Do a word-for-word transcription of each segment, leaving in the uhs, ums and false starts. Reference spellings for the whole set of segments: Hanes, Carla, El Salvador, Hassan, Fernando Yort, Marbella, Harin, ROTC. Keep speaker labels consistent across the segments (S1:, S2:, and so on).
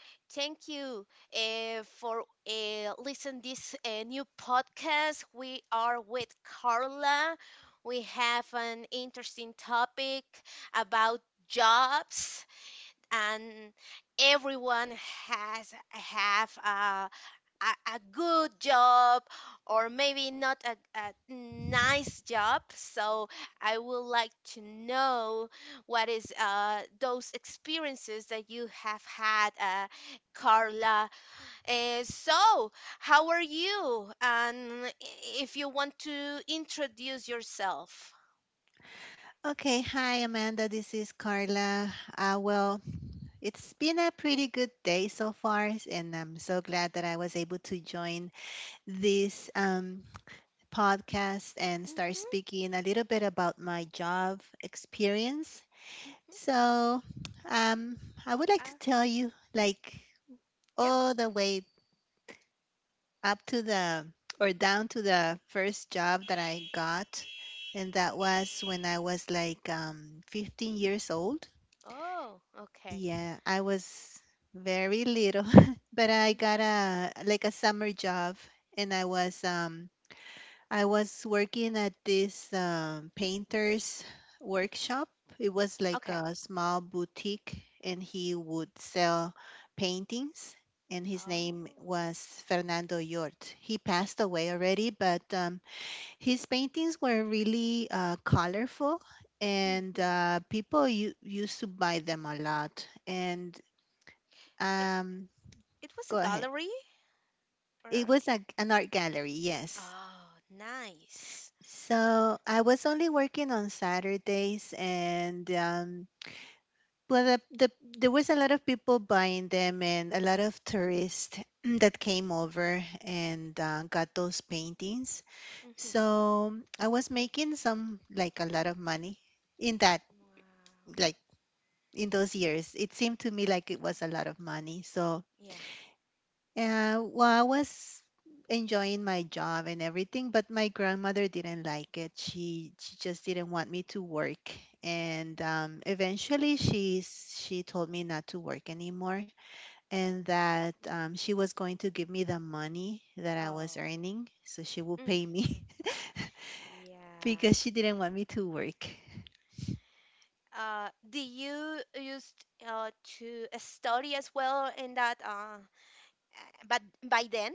S1: thank you uh, for uh, listen this uh, new podcast. We are with Carla. We have an interesting topic about jobs, and everyone has have a a, a good job or maybe not a, a nice job. So I would like to know what is uh, those experiences that you have had, uh, Carla. Uh, so how are you? And if you want to introduce yourself.
S2: Okay, hi Amanda, this is Carla. Uh, well, it's been a pretty good day so far, and I'm so glad that I was able to join this um, podcast and start
S1: Mm-hmm,
S2: speaking a little bit about my job experience.
S1: mm-hmm.
S2: So, um, I would like to
S1: Uh,
S2: tell you, like,
S1: yep.
S2: all the way up to the or down to the first job that I got, and
S1: Mhm.
S2: that was when I was like um, fifteen years old.
S1: Oh, okay.
S2: Yeah, I was very little, but I got a like a summer job and I was um I was working at this um painter's workshop. It was like
S1: Okay.
S2: a small boutique and he would sell paintings and his
S1: Oh.
S2: name was Fernando Yort. He passed away already, but um his paintings were really uh colorful and
S1: Mm-hmm.
S2: uh people u- used to buy them a lot. And
S1: It,
S2: um,
S1: it was a
S2: go ahead.
S1: gallery? Or...
S2: It was a, an art gallery, yes.
S1: Oh, nice.
S2: So I was only working on Saturdays, and um, well, the, the, there was a lot of people buying them, and a lot of tourists that came over and uh, got those paintings.
S1: Hmm.
S2: So I was making some like a lot of money in that,
S1: Wow.
S2: like in those years. It seemed to me like it was a lot of money. So
S1: Yeah.
S2: yeah, well, I was enjoying my job and everything, but my grandmother didn't like it. She she just didn't want me to work. And um, eventually she s- she told me not to work anymore, and that um, she was going to give me the money that I
S1: Oh.
S2: was earning, so she will
S1: Hmm.
S2: pay me
S1: Yeah.
S2: because she didn't want me to work.
S1: Uh, do you used uh to study as well in that uh, uh, but by then?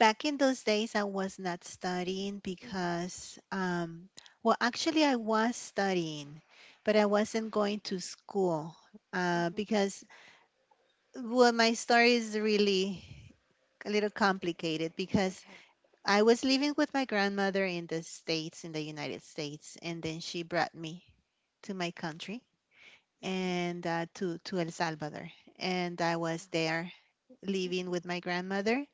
S2: Back in those days, I was not studying
S1: Hmm.
S2: because, um, well, actually, I was studying, but I wasn't going to school uh,
S1: Hmm.
S2: because, well, my story is really a little complicated because
S1: Okay.
S2: I was living with my grandmother in the States, in the United States, and then she brought me to my country
S1: Hmm.
S2: and uh, to, to El Salvador. And I
S1: Oh.
S2: was there living
S1: Hmm.
S2: with my grandmother,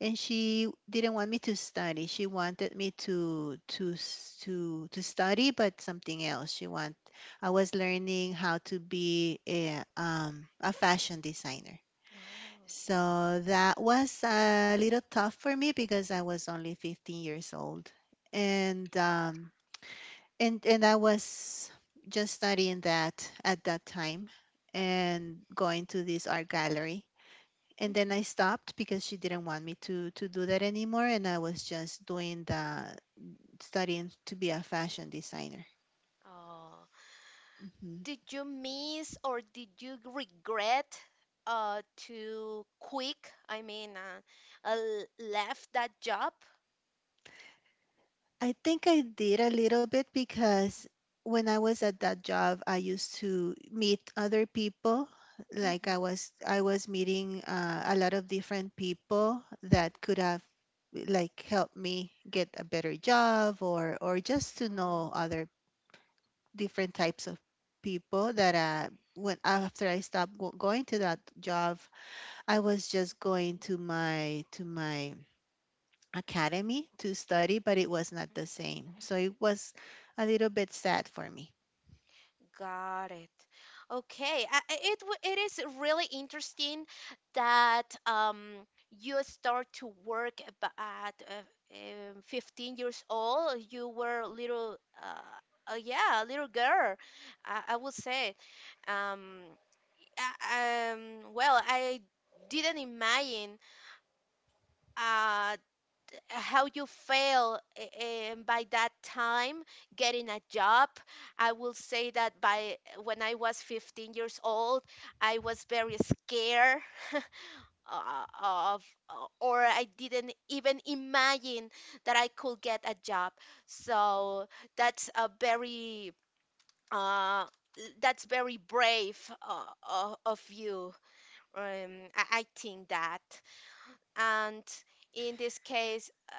S2: and she didn't want me to study. She wanted me to to s- to to study but something else. She want I was learning how to be a um a fashion designer.
S1: Oh.
S2: So that was a little tough for me because I was only fifteen years old. And
S1: Yeah.
S2: um and and I was just studying that at that time and going to this art gallery, and then I
S1: Hmm.
S2: stopped because she didn't want me to to do that anymore, and I was just doing the studying to be a fashion designer.
S1: Oh.
S2: Hmm.
S1: Did you miss or did you regret uh to quick? I mean, uh, uh left that job?
S2: I think I did a little bit because when I was at that job, I used to meet other people. Like I was, I was meeting uh, a lot of different people that could have like helped me get a better job, or or just to know
S1: Oh,
S2: other different types of people that uh when after I stopped go- going to that job, I was just going to my to my academy to study, but it was not the same. So it was a little bit sad for me.
S1: got it. Okay, I- I- it w- it is really interesting that um you start to work ab- at uh, um, fifteen years old. You were a little uh, uh yeah, a little girl, I, I would say. Um, I- um, well, I didn't imagine uh how you fail and by that time getting a job. I will say that by when I was fifteen years old I was very scared uh, of uh, or I didn't even imagine that I could get a job. So that's a very uh, that's very brave uh, o- of you. Um, I, I think that. And in this case, uh,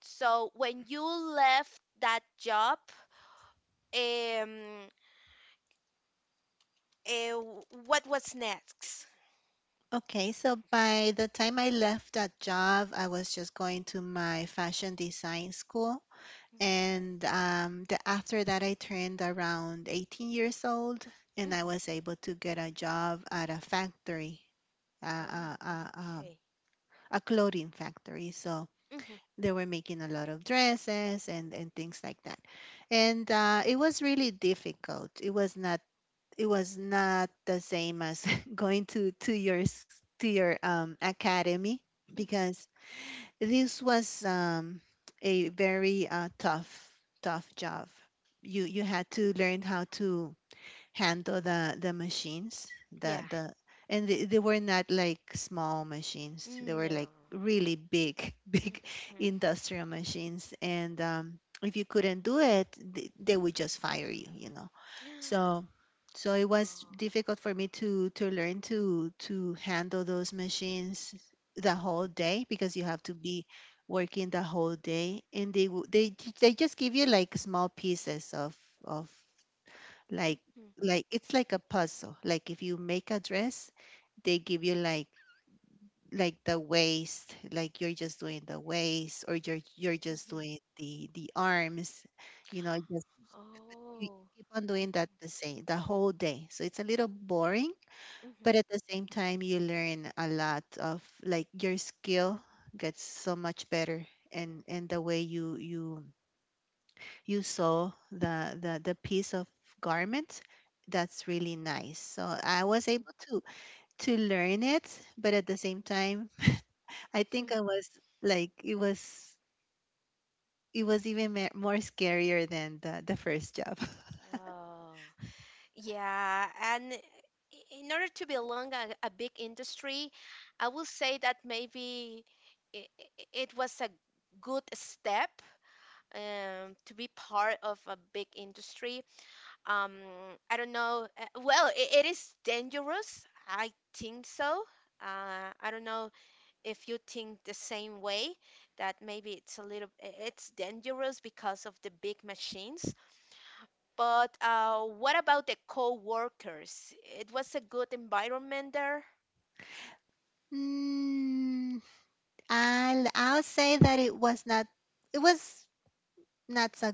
S1: so when you left that job, um, uh, what was next?
S2: Okay, so by the time I left that job, I was just going to my fashion design school.
S1: Okay.
S2: And um, the, after that, I turned around eighteen years old and I
S1: Mhm.
S2: was able to get a job at a factory, uh,
S1: Oh,
S2: uh, uh, uh,
S1: okay.
S2: a clothing factory. So
S1: Mhm,
S2: they were making a lot of dresses and, and things like that. And uh, it was really difficult. It was not it was not the same as going to to your s- to your um, academy,
S1: mhm.
S2: because this was um, a very uh, tough tough job. You you had to learn
S1: Mm.
S2: how to handle the the machines, the
S1: Yeah.
S2: the and they, they were not like small machines, they were like
S1: No.
S2: really big big
S1: Mhm.
S2: industrial machines. And um, if you couldn't do it, th- they would just fire you, you know. So so it was
S1: Oh.
S2: difficult for me to to learn to to handle those machines the whole day, because you have to be working the whole day, and they w- they j- they just give you like small pieces of of like
S1: Mhm,
S2: like it's like a puzzle, like if you make a dress, they give you like like the waist, like you're just doing the waist, or you're you're just
S1: mhm.
S2: doing the the arms, you know. Just you
S1: Oh.
S2: keep on doing that the same the whole day, so it's a little boring,
S1: Mhm,
S2: but at the same time you learn a lot of like your skill gets so much better. and and the way you you you saw the the the piece of garment, that's really nice. So I was
S1: mhm,
S2: able to to learn it, but at the same time, I think
S1: mhm.
S2: I was like it was it was even ma- more scarier than the, the first job.
S1: Oh. Yeah, and i- in order to belong a, a big industry, I will say that maybe it, it was a good step, um, to be part of a big industry. Um, I don't know. uh, Well, it, it is dangerous. I think so. Uh, I don't know if you think the same way that maybe it's a little, i- it's dangerous because of the big machines. But uh, what about the co-workers? It was a good environment there.
S2: Mm, I'll, I'll say that it was not it was not so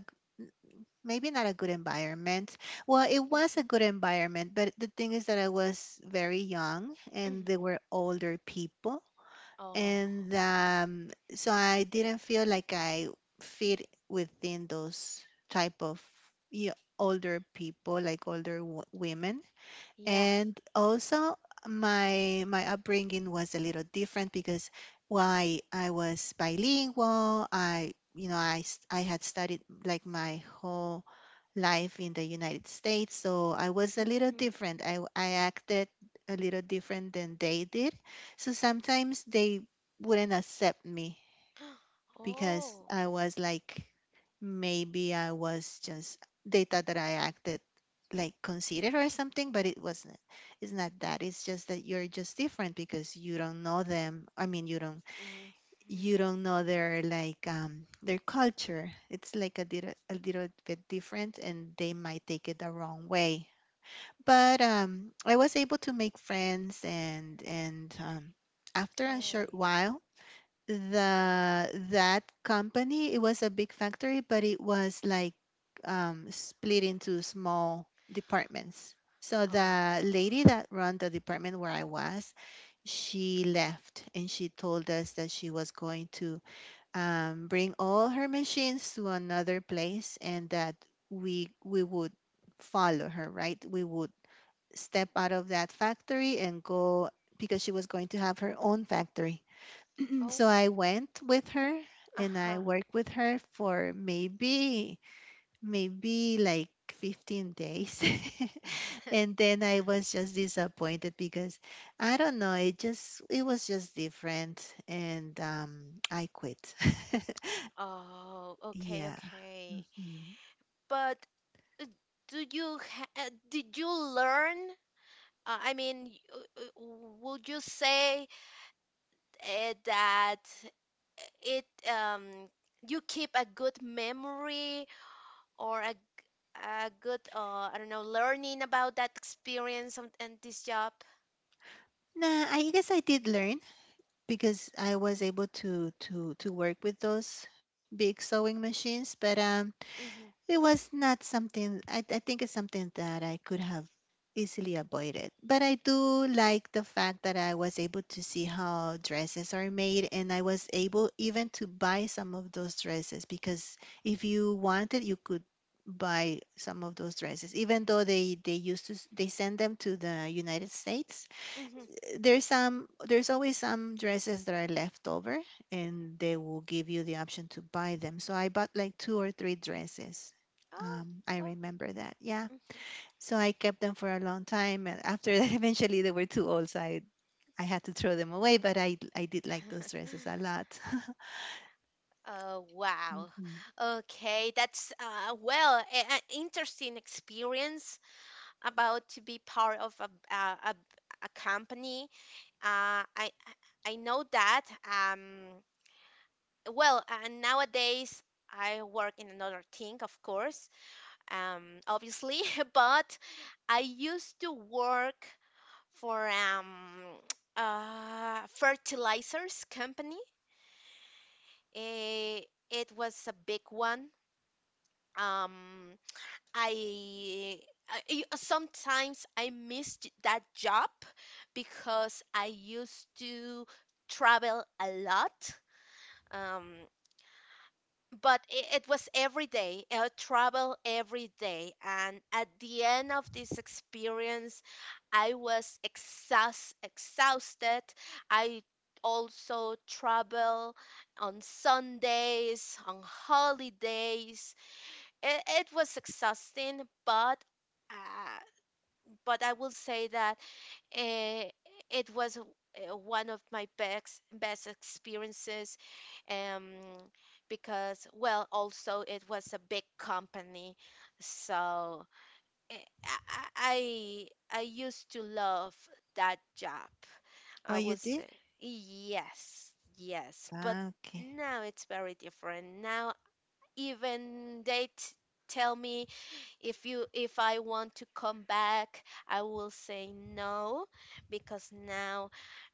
S2: maybe not a good environment. Well, it was a
S1: Mhm.
S2: good environment, but the thing is that I was very young and they
S1: Mhm.
S2: were older people.
S1: Oh,
S2: And
S1: okay.
S2: um, so I didn't feel like I fit within those type of you older people, like older w- women.
S1: Yeah.
S2: And also my my upbringing was a little different, because why I was bilingual, I, you know, I s- I had studied like my whole life in the United States, so I was a little
S1: Mhm.
S2: different. I w- I acted a little different than they did, so sometimes they wouldn't accept me because
S1: Oh.
S2: I was like, maybe I was just they thought that I acted like conceited or something, but it wasn't. It's not that. It's just that you're just different because you don't know them. I mean, you don't
S1: Mhm.
S2: you don't know their like um their culture. It's like a little a little bit different, and they might take it the wrong way. But um, I was able to make friends, and and um, after a short
S1: Okay.
S2: while, the that company, it was a big factory, but it was like um, split into small departments. So
S1: Oh.
S2: the lady that run the department where I was, she left, and she told us that she was going to um, bring all her machines to another place, and that we we would follow her, right, we would step out of that factory and go, because she was going to have her own factory. So
S1: Oh.
S2: I went with her and I
S1: Uh-huh.
S2: worked with her for maybe, maybe like fifteen days. And then I was just disappointed because I don't know, it just, it was just different. And um, I quit.
S1: Oh, okay,
S2: Yeah.
S1: okay.
S2: Hmm.
S1: But do you ha uh, did you learn? Uh, I mean, y- uh, uh, would you say, eh, that it um you keep a good memory or a a good uh I don't know learning about that experience and, and this job.
S2: Nah, I guess I did learn, because I was able to to to work with those big sewing machines. But um
S1: Mhm.
S2: it was not something I, I think it's something that I could have easily avoided. But I do like the fact that I was able to see how dresses are made, and I was able even to buy some of those dresses, because if you wanted you could buy some of those dresses, even though they they used to s- they send them to the United States.
S1: Mhm.
S2: There's some there's always some dresses that are left over, and they will give you the option to buy them, so I bought like two or three dresses.
S1: Oh,
S2: Um, I
S1: well.
S2: remember that, yeah.
S1: Mhm.
S2: So I kept them for a long time, and after that eventually they were too old, so i, I had to throw them away. But i i did like those dresses a lot.
S1: Oh, wow.
S2: Mhm.
S1: Okay, that's uh well, an interesting experience about to be part of a a, a, a company. Uh I I I know that um well, uh, nowadays I work in another thing, of course, um, obviously, but I used to work for um, uh, fertilizers company. Eh, it was a big one. Um, I, I y- sometimes I missed that job because I used to travel a lot. Um, but it, it was every day uh, travel every day, and at the end of this experience I was exhaust, exhausted. I also travel on Sundays, on holidays. It, it was exhausting, but uh, but I will say that, Eh, it was uh, one of my best best experiences, um, because, well, also it was a big company, so eh, I, I I used to love that job.
S2: Oh,
S1: I
S2: you
S1: was
S2: did.
S1: say yes, yes, but
S2: Ah, okay.
S1: now it's very different now. Even they t- tell me if you if I want to come back, I will say no, because now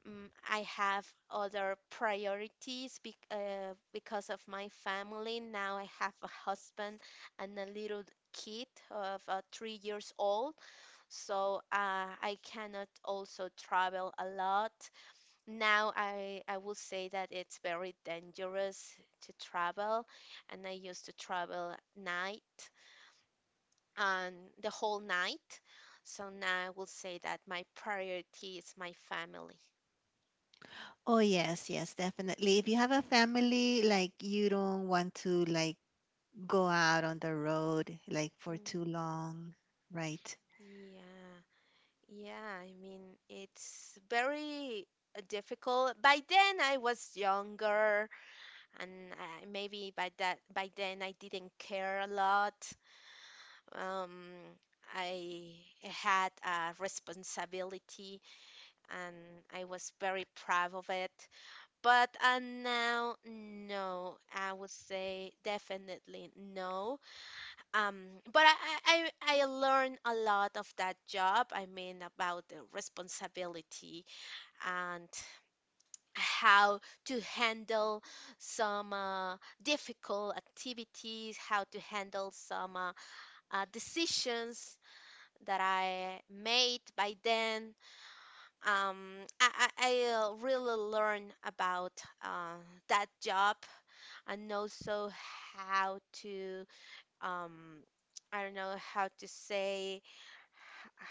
S1: mm I have other priorities bec uh, because of my family. Now I have a husband and a little kid of uh, three years old, so uh, I cannot also travel a lot. Now I I will say that it's very dangerous to travel, and I used to travel at night and the whole night. So now I will say that my priority is my family.
S2: Oh yes, yes, definitely. If you have a family, like you don't want to like go out on the road like for
S1: Mm,
S2: too long, right?
S1: yeah, yeah, I mean, it's very uh, difficult. By then I was younger, and I, maybe by that by then I didn't care a lot. Um, I had a responsibility, and I was very proud of it. But uh, now, no, I would say definitely no. Um, but I, I, I I learned a lot of that job. I mean, about the responsibility and how to handle some uh, difficult activities, how to handle some uh, uh, decisions that I made by then. Um, I, I, I uh, really learned about uh, that job, and also how to um I don't know how to say h-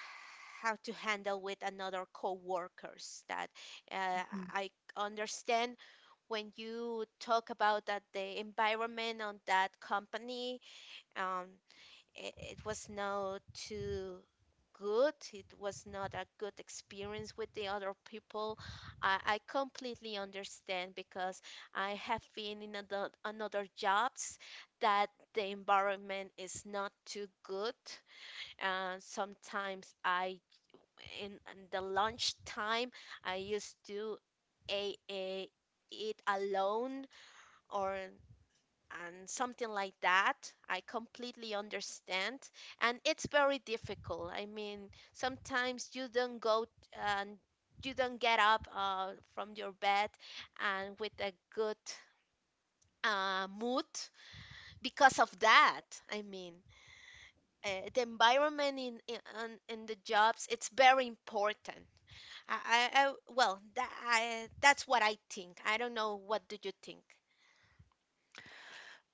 S1: how to handle with another co-workers that uh,
S2: Mhm.
S1: I understand when you talk about that the environment on that company, um, it, it was not too good. It was not a good experience with the other people. I, I completely understand because I have been in another, another jobs that the environment is not too good. And sometimes I in, in the lunch time I used to a, a, eat alone or and something like that. I completely understand. And it's very difficult. I mean, sometimes you don't go and you don't get up uh, from your bed and with a good uh, mood because of that. I mean, uh, the environment in, in on- in the jobs it's very important. I, I, I well, that, I, that's what I think. I don't know what do you think.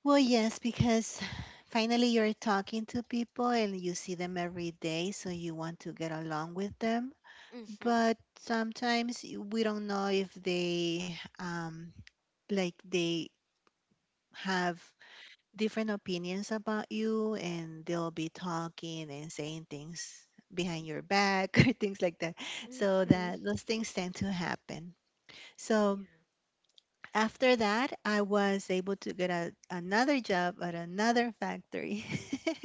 S2: Well, yes, because finally you're talking to people and you see them every day, so you want to get along with them.
S1: Mhm.
S2: But sometimes y- we don't know if they, um, like, they have different opinions about you, and they'll be talking and saying things behind your back, or things like that. So
S1: Mhm.
S2: that those things tend to happen. So
S1: Yeah.
S2: after that, I was able to get a, another job at another factory.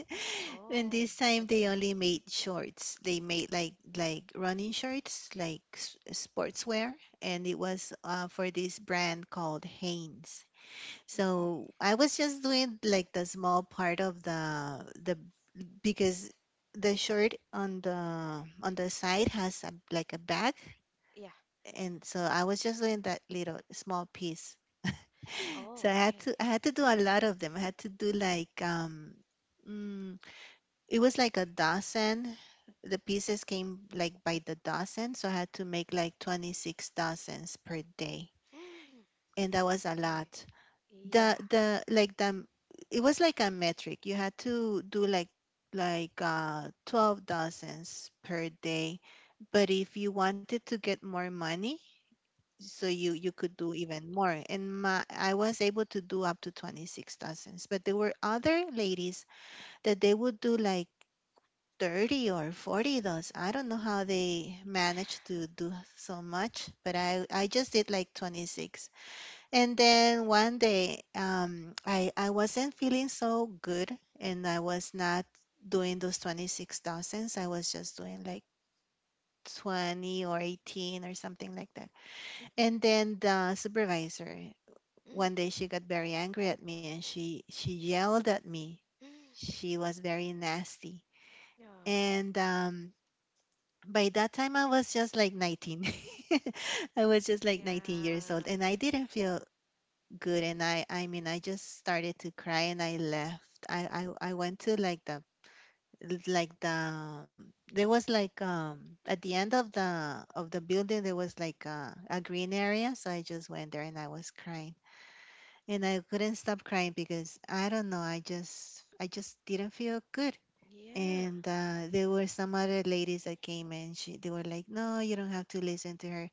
S2: And
S1: Oh,
S2: this time they
S1: okay.
S2: only made shorts. They made like like running shorts, like s- sportswear. And it was uh, for this brand called Hanes.
S1: Hmm.
S2: So I was just doing like the small part of the the because the shirt on the on the side has a, like a bag.
S1: Yeah.
S2: And so I was just doing that little small piece, so
S1: Oh,
S2: I had
S1: okay.
S2: to I had to do a lot of them. I had to do like um mm, it was like a dozen. The pieces came like by the dozen, so I had to make like twenty-six dozens per day.
S1: Mm,
S2: And that was a
S1: okay.
S2: lot. The
S1: Yeah.
S2: the like the it was like a metric. You had to do like like uh twelve dozens per day. But if you wanted to get more money, so you you could do even more and my I was able to do up to twenty-six dozens, but there were other ladies that they would do like thirty or forty dozen. I don't know how they managed to do so much, but i i just did like twenty-six. And then one day, um i i wasn't feeling so good, and I was not doing those twenty-six dozens. I was just doing like twenty or eighteen or something like that. And
S1: Hmm.
S2: then the supervisor, one
S1: Mm.
S2: day she got very angry at me, and she she yelled at me.
S1: Mm.
S2: She was very nasty.
S1: Oh,
S2: And um by that time I was just like nineteen. I was just like nineteen years old
S1: yeah.
S2: and I didn't feel good. And I I mean I just started to cry and I left. i i, I went to like the like the there was like um at the end of the of the building there was like a, a green area, so I just went there and I was crying, and I couldn't stop crying because I don't know, I just I just didn't feel good.
S1: Yeah.
S2: And uh, there were some other ladies that came, and she they were like, no, you don't have to listen to her.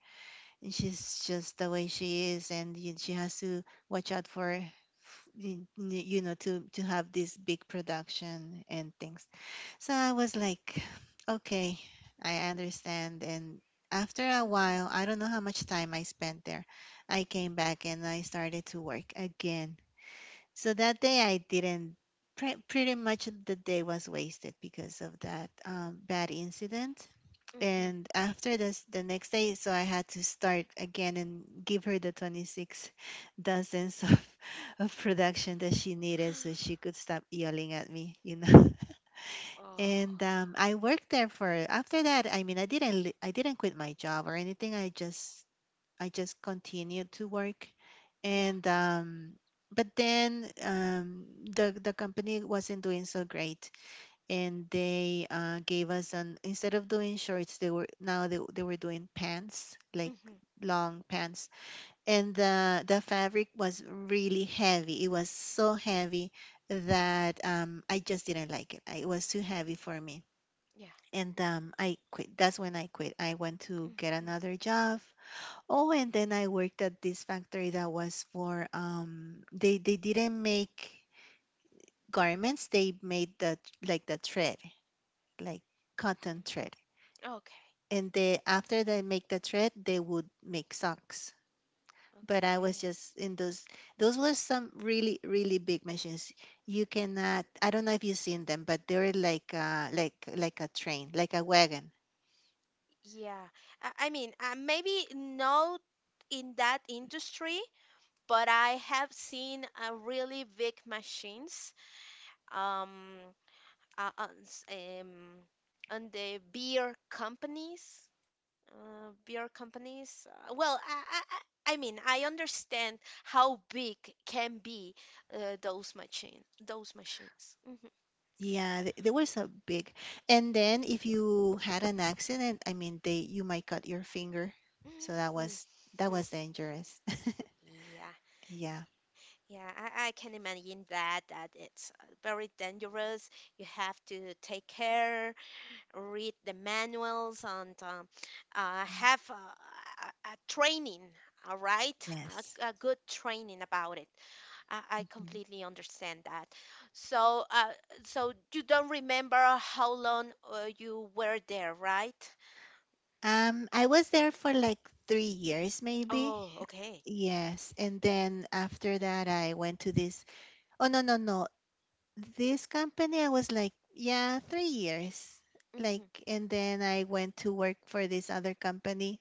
S2: And she's just the way she is, and y- she has to watch out for, f- y- n- you know, to to have this big production and things. So I was like, okay, I understand. And after a
S1: Hmm. Hmm.
S2: while, I don't know how much time I spent there, I came back and I started to work again. So that day I didn't. Pre- pretty much the day was wasted because of that um, bad incident. And after this, the next day, so I had to start again and give her the twenty-six dozens of, of production that she needed so she could stop yelling at me, you know.
S1: Oh,
S2: and um, I worked there for after that. I mean, I didn't li- I didn't quit my job or anything. I just I just continued to work,
S1: yeah.
S2: and um, but then um, the the company wasn't doing so great, and they uh, gave us an instead of doing shorts, they were now they they were doing pants like
S1: Hmm.
S2: long pants, and the the fabric was really heavy. It was so heavy that um, I just didn't like it. I- It was too heavy for me.
S1: Yeah.
S2: And um, I quit. That's when I quit. I went to get
S1: Hmm.
S2: another job. Oh, and then I worked at this factory that was for um they they didn't make garments, they made the like the thread, like cotton thread.
S1: Okay.
S2: And they after they make the thread, they would make socks. But I was
S1: Okay.
S2: just in those those were some really really big machines. You cannot, I don't know if you've seen them, but they're like uh like like a train, like a wagon.
S1: Yeah, I, I mean, uh, maybe not in that industry, but I have seen uh, really big machines. Um, uh, on, s- um, on the beer companies, uh, beer companies. Uh, well, I, I, I I mean, I understand how big can be uh, those machine, those machines. Hmm.
S2: Yeah, th- there was a big. And then if you had an accident, I mean, they, you might cut your finger. So that was
S1: Hmm.
S2: that was dangerous.
S1: Yeah,
S2: Yeah.
S1: yeah, I, I can imagine that that it's uh, very dangerous. You have to take care, read the manuals, and um, uh, have a, a, a training, all right?
S2: Yes.
S1: A, a good training about it. I, I
S2: Mhm.
S1: completely understand that. So, uh, so you don't remember how long uh, you were there, right?
S2: Um, I was there for like three years, maybe.
S1: Oh, okay.
S2: Yes, and then after that, I went to this. Oh no, no, no! This company, I was like, yeah, three years. Like,
S1: Hmm.
S2: and then I went to work for this other company,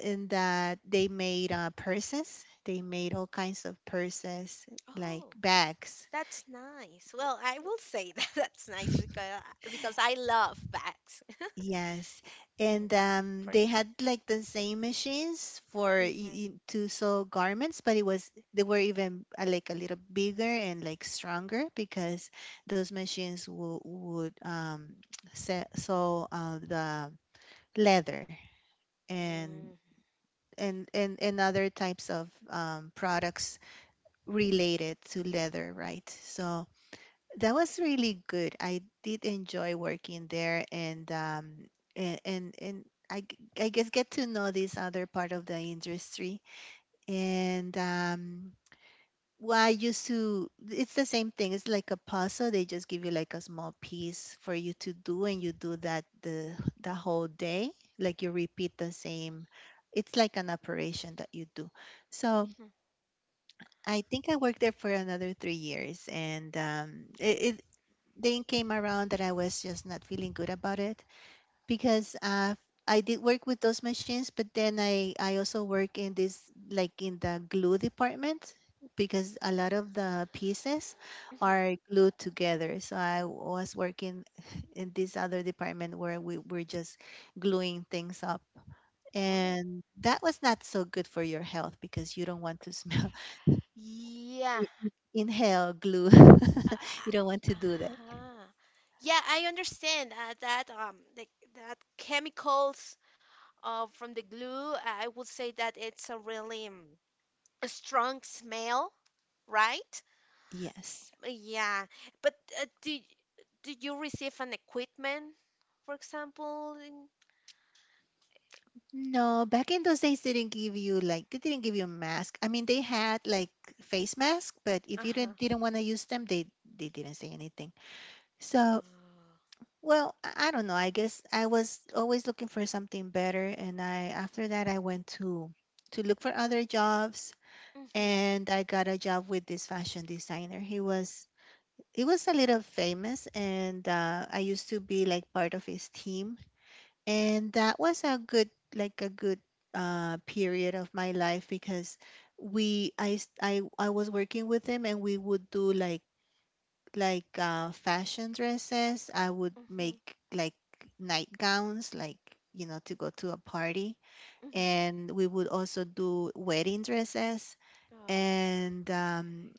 S2: in that they made uh, purses. They made all kinds of purses, like
S1: Oh,
S2: bags.
S1: that's nice. Well, I will say that that's nice because uh, because I love bags.
S2: Yes,
S1: Hmm.
S2: and um,
S1: For,
S2: they had like the same machines for y-
S1: hmm.
S2: y- to sew garments, but it was they were even uh, like a little bigger and like stronger because those machines would would um, se- sew uh, the leather and
S1: Mm.
S2: and and and other types of um, products related to leather, right? So that was really good. I did enjoy working there, and um and and, and I, g- I guess get to know this other part of the industry. And um Well, I used to, it's the same thing. It's like a puzzle. They just give you like a small piece for you to do and you do that the the whole day. Like you repeat the same, it's like an operation that you do. So
S1: Okay.
S2: I think I worked there for another three years, and um, it, then came around that I was just not feeling good about it because uh, I did work with those machines, but then I, I also work in this, like in the glue department because a lot of the pieces
S1: Hmm. Hmm.
S2: are glued together. So I was working in this other department where we were just gluing things up.
S1: Oh.
S2: And that was not so good for your health because you don't want to smell,
S1: Yeah.
S2: inhale glue.
S1: Uh,
S2: You don't want to do that.
S1: uh-huh. Yeah, I understand uh, that um the, that chemicals uh, from the glue, I would say that it's a really um, a strong smell, right?
S2: Yes.
S1: Uh, yeah. But uh, do did you receive an equipment, for example? In...
S2: No, back in those days, they didn't give you like they didn't give you a mask. I mean, they had like face mask, but if you
S1: Uh-huh.
S2: didn't didn't want to use them, they they didn't say anything. So,
S1: Oh.
S2: well, I I don't know. I guess I was always looking for something better, and I after that I went to to look for other jobs,
S1: Mm-hmm.
S2: and I got a job with this fashion designer. He was he was a little famous, and uh, I used to be like part of his team, and that was a good like a good uh period of my life because we I s- I I was working with him and we would do like like uh fashion dresses. I would
S1: Mm-hmm.
S2: make like nightgowns, like you know, to go to a party,
S1: Hmm.
S2: and we would also do wedding dresses
S1: Oh.
S2: and
S1: Okay.
S2: um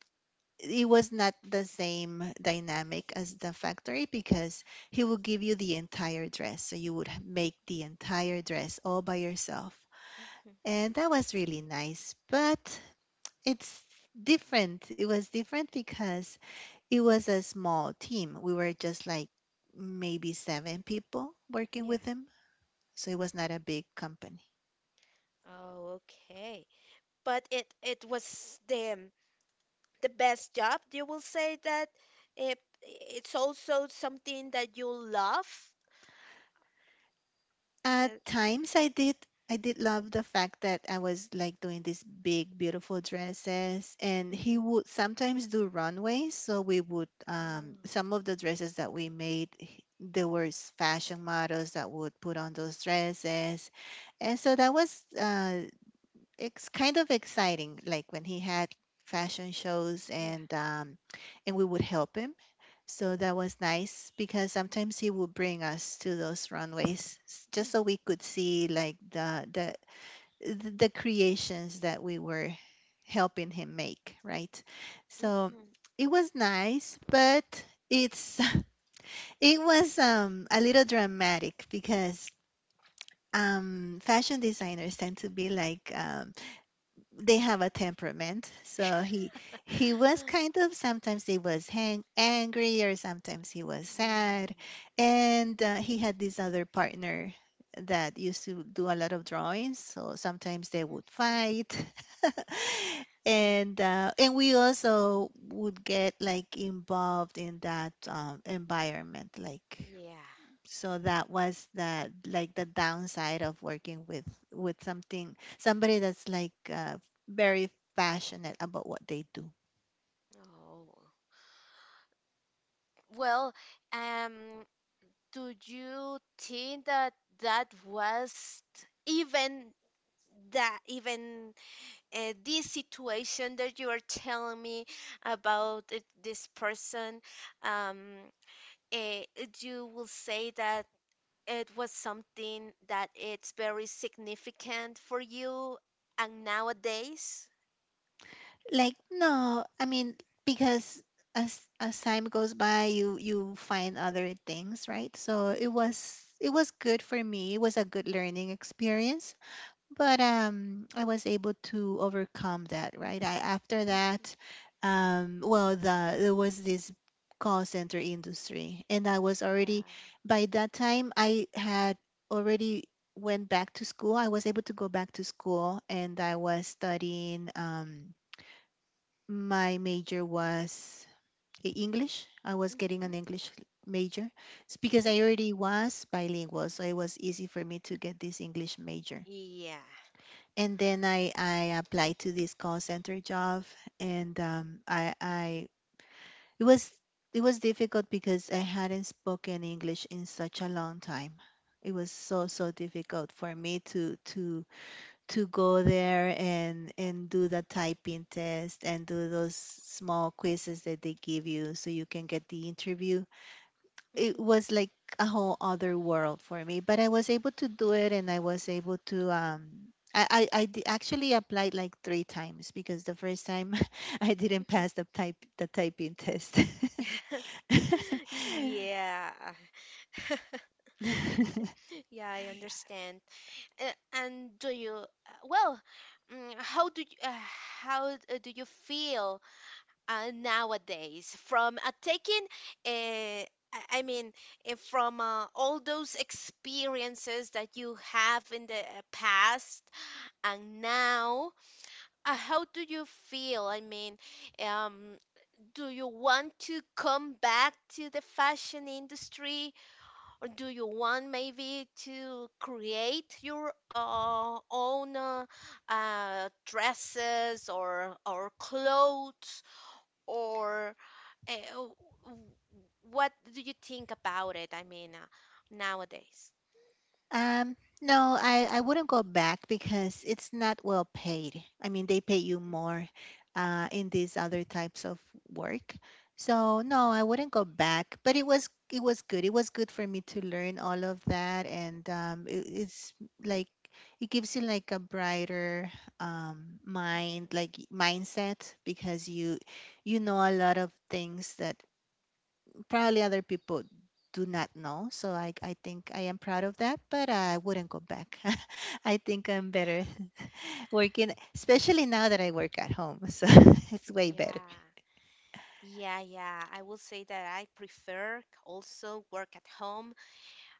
S2: it was not the same dynamic as the factory because he will give you the entire dress. So you would h- make the entire dress all by yourself.
S1: Mm-hmm.
S2: And that
S1: Mm-hmm.
S2: was really nice. But it's different. It was different because it was a small team. We were just like maybe seven people working
S1: Yeah.
S2: with him. So it was not a big company.
S1: Oh, okay. But it it was the the best job. You will say that it, it's also something that you love.
S2: At
S1: Uh,
S2: times I
S1: mhm,
S2: did, I did love the fact that I was like doing these big beautiful dresses, and he
S1: mhm.
S2: would sometimes do runways, so we would um
S1: Oh,
S2: some of the dresses that we made h- there were s- fashion models that would put on those dresses. And so that was uh it's kind of exciting, like when he had fashion shows,
S1: yeah.
S2: and um and we would help him. So that was nice, because sometimes he would bring us to those runways, s-
S1: Mm-hmm.
S2: just so we could see like the the the the creations that we were helping him make, right? So it was nice, but it's it was um a little dramatic because um fashion designers tend to be like um they have a temperament. So he he was
S1: Mm-hmm.
S2: kind of sometimes he was hang, angry, or sometimes he was sad, and uh, he had this other partner that used to do a lot of drawings. So sometimes they would fight, and uh, and we also would get like involved in that um, environment, like,
S1: Yeah.
S2: so that was the like the downside of working with with something somebody that's like uh, very passionate about what they do.
S1: Oh. Well, um, do you think that that was even That even uh, this situation that you are telling me about th- this person, um, uh, you will say that it was something that it's very significant for you and nowadays.
S2: Like, no, I mean, because as as time goes by, you you find other things, right? So it
S1: Mm-hmm,
S2: was it was good for me, it was a good learning experience. But um, I was able to overcome that, right? I, after that,
S1: mm-hmm,
S2: um, well, the, there was this call center industry, and I was
S1: yeah.
S2: already by that time I had already went back to school. I was able to go back to school, and I was studying. Um, my major was E- English. I was getting
S1: Mm-hmm.
S2: an English major. It's because I
S1: Oh,
S2: already was bilingual, so it was easy for me to get this English major.
S1: yeah.
S2: And then I I applied to this call center job, and um, I I it was it was difficult because I hadn't spoken English in such a long time. It was so so difficult for me to to to go there and and do the typing test and do those small quizzes that they give you so you can get the interview. It
S1: Mm-hmm,
S2: was like a whole other world for me, but I was able to do it and I was able to um I, I, I d- actually applied like three times because the first time I didn't
S1: mm-hmm.
S2: pass the type the typing test.
S1: Yeah. Yeah, I understand. Uh, and do you uh, well, mm, how do you, uh, how uh, do you feel uh, nowadays from uh, taking uh, I I mean uh, from uh, all those experiences that you have in the uh, past and now uh, how do you feel? I mean, um, do you want to come back to the fashion industry, or do you want maybe to create your uh, own uh, uh, dresses or or clothes, or uh, w- w- what do you think about it? I mean, uh, nowadays.
S2: Um, no, I, I wouldn't go back because it's not well paid. I mean, they pay you more uh, in these other types of work. So no, I wouldn't go back. But it was it was good. It was good for me to learn all of that, and um, it, it's like it gives you like a brighter um, mind, like mindset, because you you know a lot of things that probably other people do not know. So I, I think I am proud of that, but I wouldn't go back. I think I'm better working, especially now that I work at home. So it's way
S1: Mm.
S2: better.
S1: Yeah. Yeah, yeah. I will say that I prefer also work at home,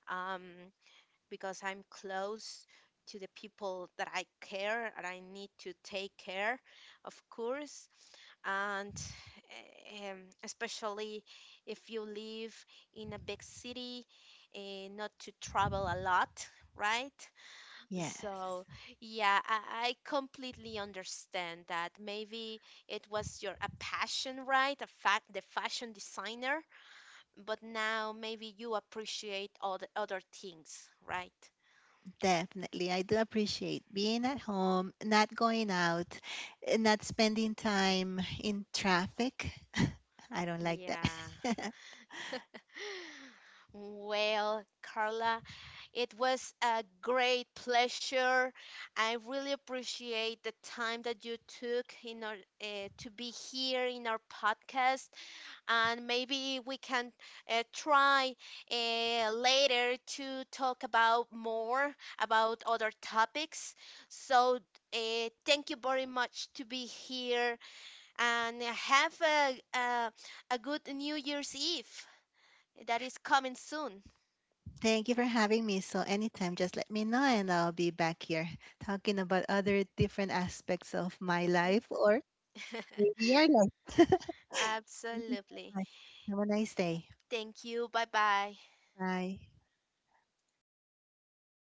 S1: um, because I'm close to the people that I care and I need to take care, of course. And um, especially if you live in a big city, eh, not to travel a lot, right?
S2: Yes,
S1: So, yeah, I, I completely understand that. Maybe it was your a passion, right? A fa the fashion designer, but now maybe you appreciate all the other things, right?
S2: definitely. I do appreciate being at home, not going out, eh, not spending time in traffic. I don't like
S1: Yeah.
S2: that.
S1: Well, Carla, it was a great pleasure. I really appreciate the time that you took in our, uh, to be here in our podcast, and maybe we can uh, try uh, later to talk about more about other topics. So, uh, thank you very much to be here, and have a a, a good New Year's Eve that is coming soon.
S2: Thank you for having me. So, anytime, just let me know, and I'll be back here talking about other different aspects of my life,
S1: Mhm.
S2: or maybe your life. Thank you so
S1: Absolutely.
S2: much. Have a nice day.
S1: Thank you. Bye bye.
S2: Bye.